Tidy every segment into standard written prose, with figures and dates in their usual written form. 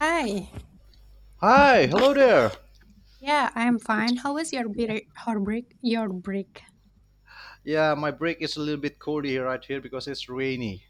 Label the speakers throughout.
Speaker 1: Hi.
Speaker 2: Hi, hello there.
Speaker 1: Yeah, I'm fine. How was your
Speaker 2: Yeah.
Speaker 1: break? Your break?
Speaker 2: Yeah, my break is a little bit cold here right here because it's rainy.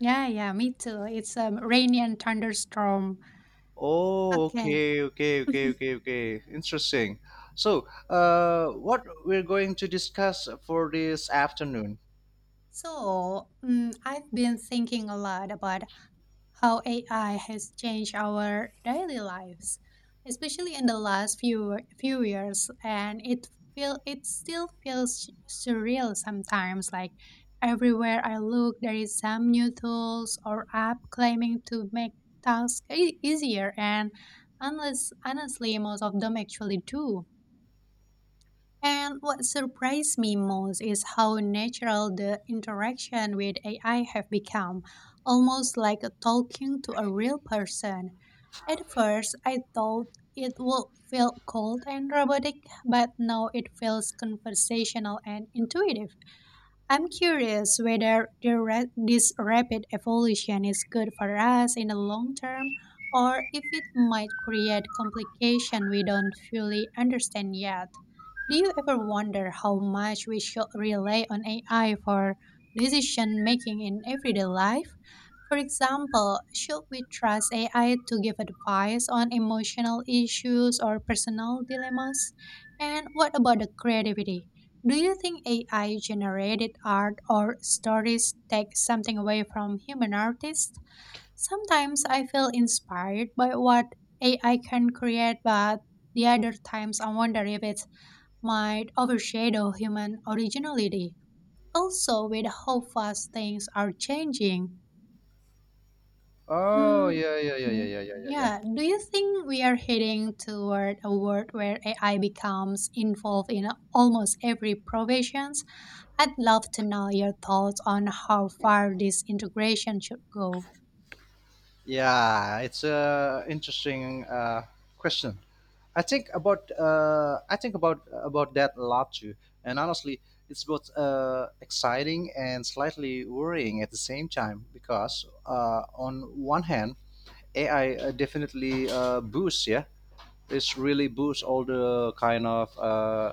Speaker 1: Yeah, yeah, me too. It's rainy and thunderstorm.
Speaker 2: Oh,
Speaker 1: Okay.
Speaker 2: okay, okay, okay, okay, okay. Interesting. So, what we're going to discuss for this afternoon?
Speaker 1: I've been thinking a lot about how AI has changed our daily lives, especially in the last few years, and it feel it still feels surreal sometimes. Like everywhere I look, there is some new tools or app claiming to make tasks easier, and unless honestly, most of them actually do. And what surprised me most is how natural the interaction with AI have become, almost like a talking to a real person. At first, I thought it would feel cold and robotic, but now it feels conversational and intuitive. I'm curious whether this rapid evolution is good for us in the long term or if it might create complications we don't fully understand yet. Do you ever wonder how much we should rely on AI for decision making in everyday life? For example, should we trust AI to give advice on emotional issues or personal dilemmas? And what about the creativity? Do you think AI generated art or stories take something away from human artists? Sometimes I feel inspired by what AI can create, but the other times I wonder if it might overshadow human originality. Also, with how fast things are changing.
Speaker 2: Oh,
Speaker 1: Um,
Speaker 2: yeah, yeah, yeah, yeah, yeah, yeah, yeah, yeah.
Speaker 1: yeah, do you think we are heading toward a world where AI becomes involved in almost every profession? I'd love to know your thoughts on how far this integration should go.
Speaker 2: Yeah, it's a interesting question. I think about that a lot too, and honestly, it's both exciting and slightly worrying at the same time because on one hand, AI definitely boosts, yeah, it's really boosts all the kind of uh,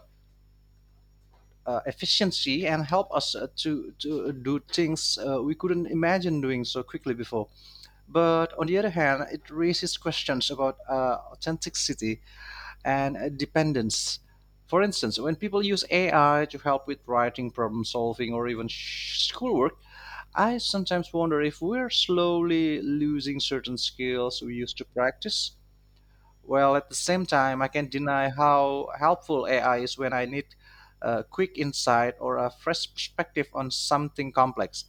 Speaker 2: uh, efficiency and help us to do things we couldn't imagine doing so quickly before. But on the other hand, it raises questions about authenticity and dependence. For instance, when people use AI to help with writing, problem solving, or even schoolwork, I sometimes wonder if we're slowly losing certain skills we used to practice. Well, at the same time, I can't deny how helpful AI is when I need a quick insight or a fresh perspective on something complex.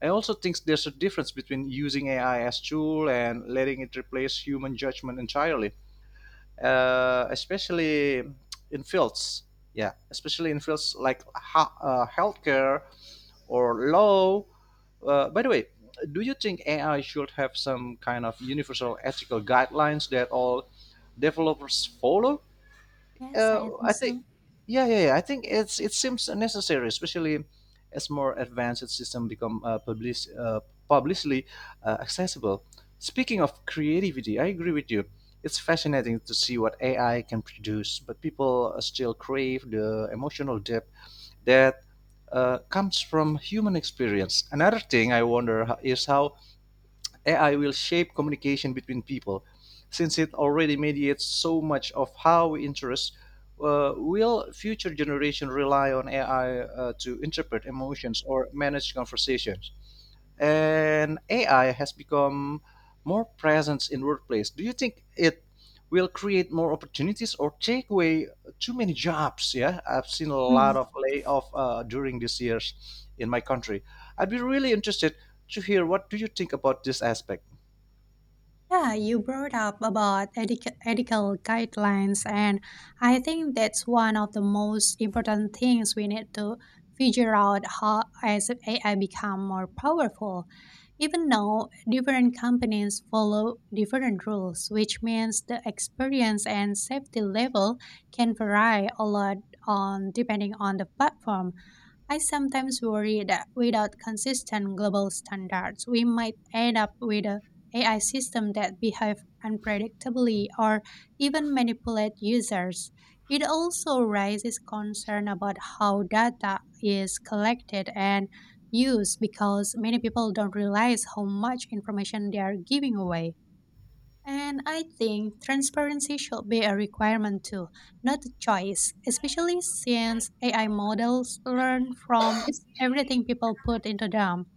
Speaker 2: I also think there's a difference between using AI as tool and letting it replace human judgment entirely, especially in fields. Yeah, especially in fields like healthcare or law. By the way, do you think AI should have some kind of universal ethical guidelines that all developers follow?
Speaker 1: Yes,
Speaker 2: uh,
Speaker 1: I think
Speaker 2: I think,
Speaker 1: so.
Speaker 2: yeah, yeah, yeah. I think it seems necessary, especially as more advanced system become publicly accessible. Speaking of creativity, I agree with you. It's fascinating to see what AI can produce, but people still crave the emotional depth that comes from human experience. Another thing I wonder is how AI will shape communication between people, since it already mediates so much of how we interest. Will future generation rely on AI to interpret emotions or manage conversations? And AI has become more presence in workplace. Do you think it will create more opportunities or take away too many jobs? Yeah, I've seen a
Speaker 1: Mm.
Speaker 2: lot of layoff during these years in my country. I'd be really interested to hear what do you think about this aspect.
Speaker 1: Yeah, you brought up about ethical guidelines, and I think that's one of the most important things we need to figure out how as AI become more powerful. Even though different companies follow different rules, which means the experience and safety level can vary a lot on depending on the platform. I sometimes worry that without consistent global standards, we might end up with a AI systems that behave unpredictably or even manipulate users. It also raises concern about how data is collected and used because many people don't realize how much information they are giving away. And I think transparency should be a requirement too, not a choice, especially since AI models learn from everything people put into them.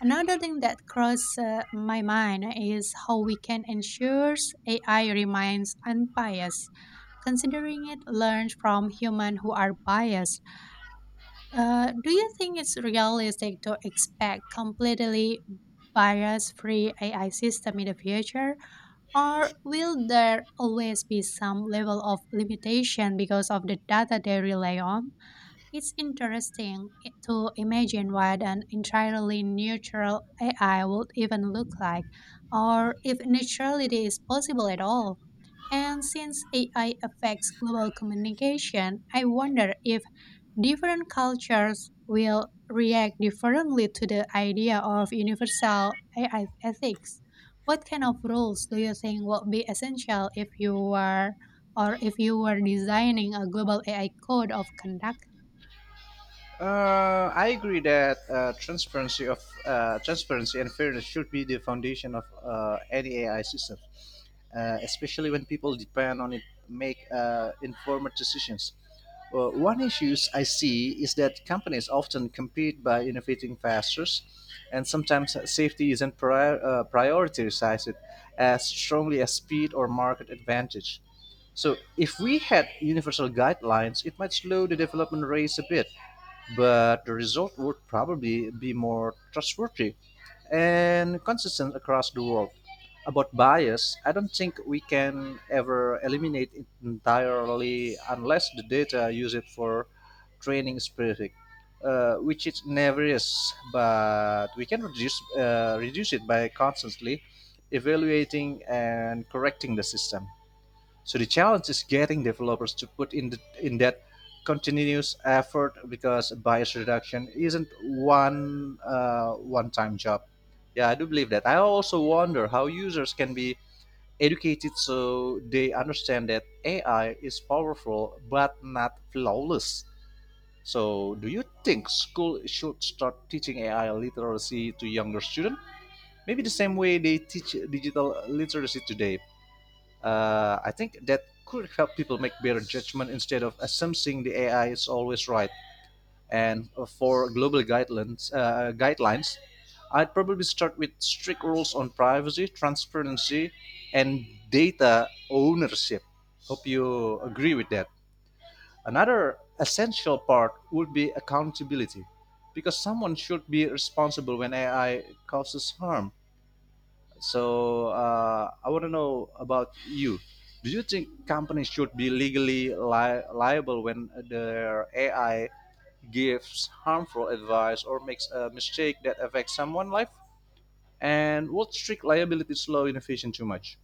Speaker 1: Another thing that crossed my mind is how we can ensure AI remains unbiased, considering it learns from humans who are biased. Do you think it's realistic to expect completely bias free AI system in the future? Or will there always be some level of limitation because of the data they rely on? It's to imagine what an entirely neutral AI would even look like, or if neutrality is possible at all. And since AI affects global communication, I wonder if different cultures will react differently to the idea of universal AI ethics. What kind of rules do you think will be essential if you were designing a global AI code of conduct?
Speaker 2: I agree that transparency and fairness should be the foundation of any AI system, especially when people depend on it make informed decisions. Well, one issues I see is that companies often compete by innovating faster, and sometimes safety isn't prioritized as strongly as speed or market advantage. So, if we had universal guidelines, it might slow the development rates a bit, but the result would probably be more trustworthy and consistent across the world. About bias, I don't think we can ever eliminate it entirely unless the data use it for training specific, which it never is. But we can reduce it by constantly evaluating and correcting the system. So the challenge is getting developers to put in in that continuous effort because bias reduction isn't one-time job. Yeah, I do believe that. I also wonder how users can be educated so they understand that AI is powerful but not flawless. So, do you think school should start teaching AI literacy to younger students? Maybe the same way they teach digital literacy today. I think that could help people make better judgment instead of assuming the AI is always right. And for guidelines, I'd probably start with strict rules on privacy, transparency, and data ownership. Hope you agree with that. Another essential part would be accountability, because someone should be responsible when AI causes harm. So I want to know about you. Do you think companies should be legally liable when their AI gives harmful advice or makes a mistake that affects someone's life? And what strict liabilities slow innovation too much?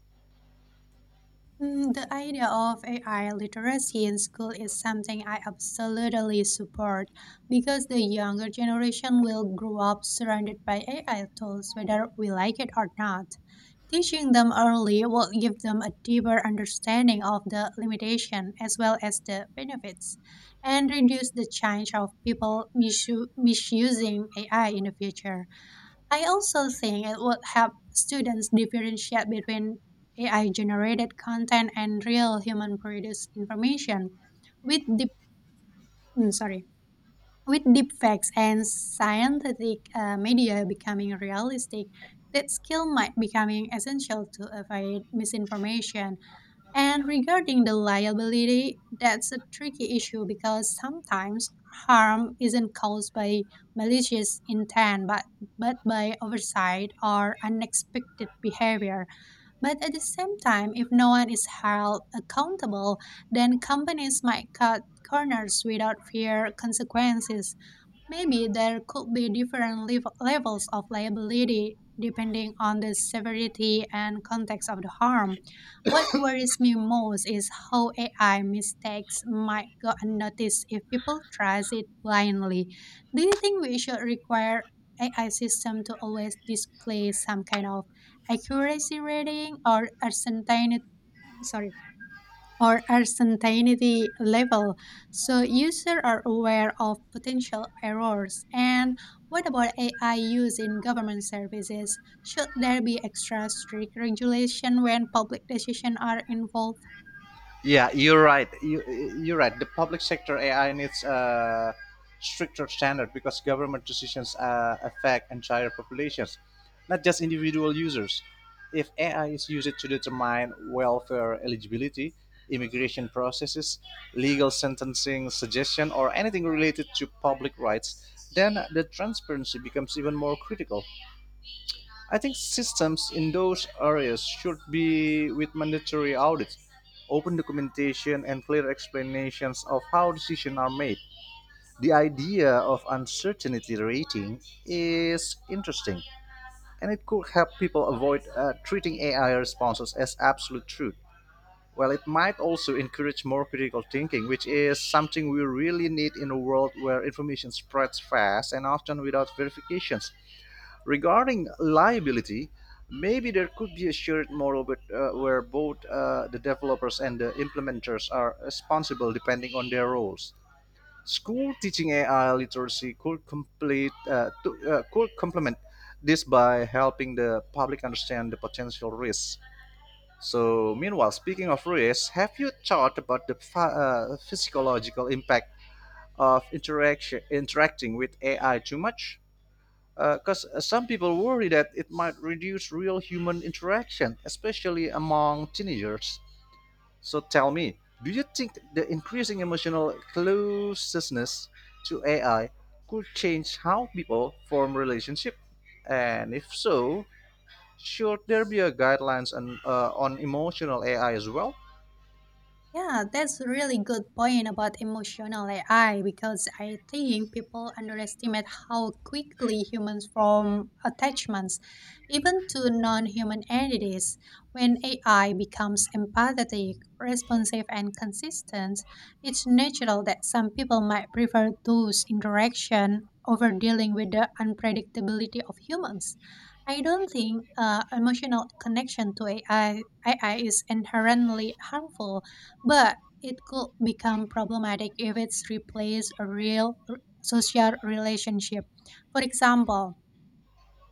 Speaker 1: Mm, the idea of AI literacy in school is something I absolutely support because the younger generation will grow up surrounded by AI tools whether we like it or not. Teaching them early will give them a deeper understanding of the limitation as well as the benefits and reduce the chance of people misusing AI in the future. I also think it would help students differentiate between AI generated content and real human produced information. With mm, sorry, with deep facts and scientific media becoming realistic, that skill might becoming essential to avoid misinformation and regarding the liability, that's a tricky issue because sometimes harm isn't caused by malicious intent but by oversight or unexpected behavior. But at the same time, if no one is held accountable, then companies might cut corners without fear consequences. Maybe there could be different levels of liability depending on the severity and context of the harm. What worries me most is how AI mistakes might go unnoticed if people trust it blindly. Do you think we should require AI system to always display some kind of accuracy rating or a certain sorry or uncertainty level so users are aware of potential errors? And what about AI use in government services? Should there be extra strict regulation when public decisions are involved?
Speaker 2: Yeah, you're right. You're right. The public sector AI needs a stricter standard because government decisions affect entire populations, not just individual users. If AI is used to determine welfare eligibility, immigration processes, legal sentencing suggestion, or anything related to public rights, then the transparency becomes even more critical. I think systems in those areas should be with mandatory audits, open documentation, and clear explanations of how decisions are made. The idea of uncertainty rating is interesting, and it could help people avoid treating AI responses as absolute truth. Well, it might also encourage more critical thinking, which is something we really need in a world where information spreads fast and often without verifications. Regarding liability, maybe there could be a shared model, where both the developers and the implementers are responsible depending on their roles. School teaching AI literacy could could complement this by helping the public understand the potential risks. So, meanwhile, speaking of risks, have you thought about the physiological impact of interaction interacting with AI too much? Because some people worry that it might reduce real human interaction, especially among teenagers. So tell me, do you think the increasing emotional closeness to AI could change how people form relationships? And if so, should there be a guidelines on emotional AI as well?
Speaker 1: Yeah, that's a really good point about emotional AI because I think people underestimate how quickly humans form attachments, even to non human entities. When AI becomes empathetic, responsive, and consistent, it's natural that some people might prefer those interaction over dealing with the unpredictability of humans. I don't think uh, emotional connection to AI, AI is inherently harmful but it could become problematic if it's replaced a social relationship. For example,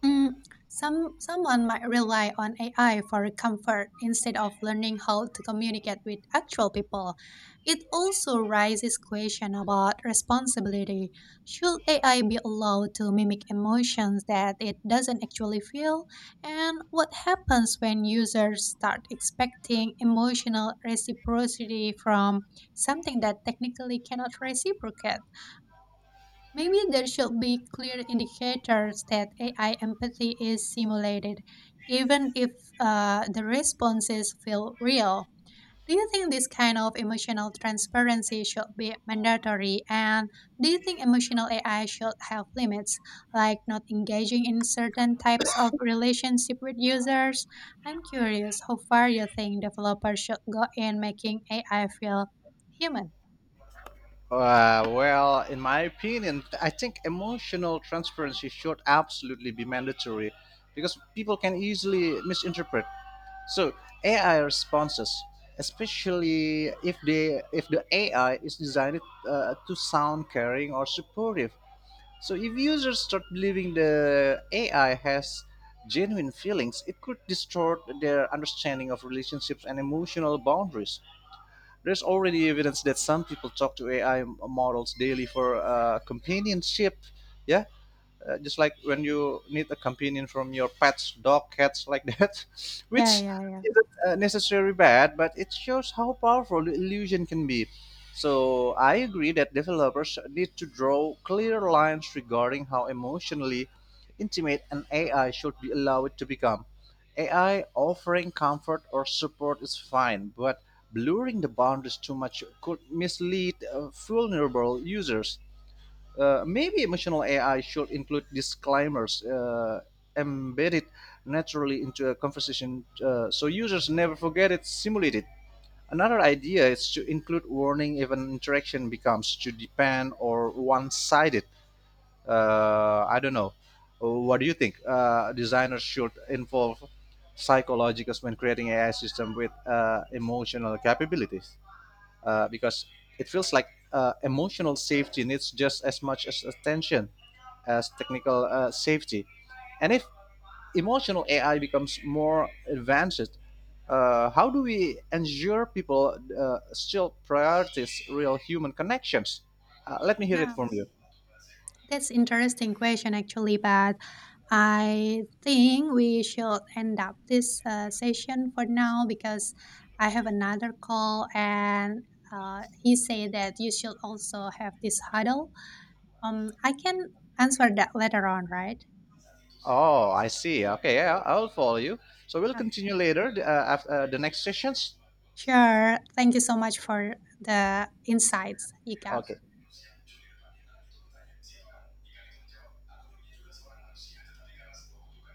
Speaker 1: Someone might rely on AI for comfort instead of learning how to communicate with actual people. It also raises question about responsibility. Should AI be allowed to mimic emotions that it doesn't actually feel? And what happens when users start expecting emotional reciprocity from something that technically cannot reciprocate? Maybe there should be clear indicators that AI empathy is simulated, even if the responses feel real. Do you think this kind of emotional transparency should be mandatory? And do you think emotional AI should have limits, like not engaging in certain types of relationship with users? I'm curious how far you think developers should go in making AI feel human.
Speaker 2: Well, in my opinion, I think emotional transparency should absolutely be mandatory because people can easily misinterpret So AI responses, especially if the AI is designed to sound caring or supportive. So if users start believing the AI has genuine feelings, it could distort their understanding of relationships and emotional boundaries. There's already evidence that some people talk to AI models daily for companionship, yeah, just like when you need a companion from your pets, dog, cats, like that,
Speaker 1: Yeah,
Speaker 2: which
Speaker 1: yeah, yeah.
Speaker 2: isn't necessarily bad, but it shows how powerful the illusion can be. So I agree that developers need to draw clear lines regarding how emotionally intimate an AI should be allowed to become. AI offering comfort or support is fine, but blurring the boundaries too much could mislead vulnerable users. Maybe emotional AI should include disclaimers embedded naturally into a conversation so users never forget it's simulated. Another idea is to include warning if an interaction becomes too dependent or one sided. I don't know. What do you think? Designers should involve psychologists when creating AI system with emotional capabilities because it feels like emotional safety needs just as much as attention as technical safety. And if emotional AI becomes more advanced, how do we ensure people still prioritize real human connections? Let me hear it
Speaker 1: Yeah.
Speaker 2: from you.
Speaker 1: That's interesting question actually, but I think we should end up this session for now because I have another call and he said that you should also have this huddle. I can answer that later on, right?
Speaker 2: Oh, I see. Okay, yeah, I'll follow you. So we'll
Speaker 1: Okay.
Speaker 2: continue later after the next sessions.
Speaker 1: Sure. Thank you so much for the insights you gave.
Speaker 2: Okay.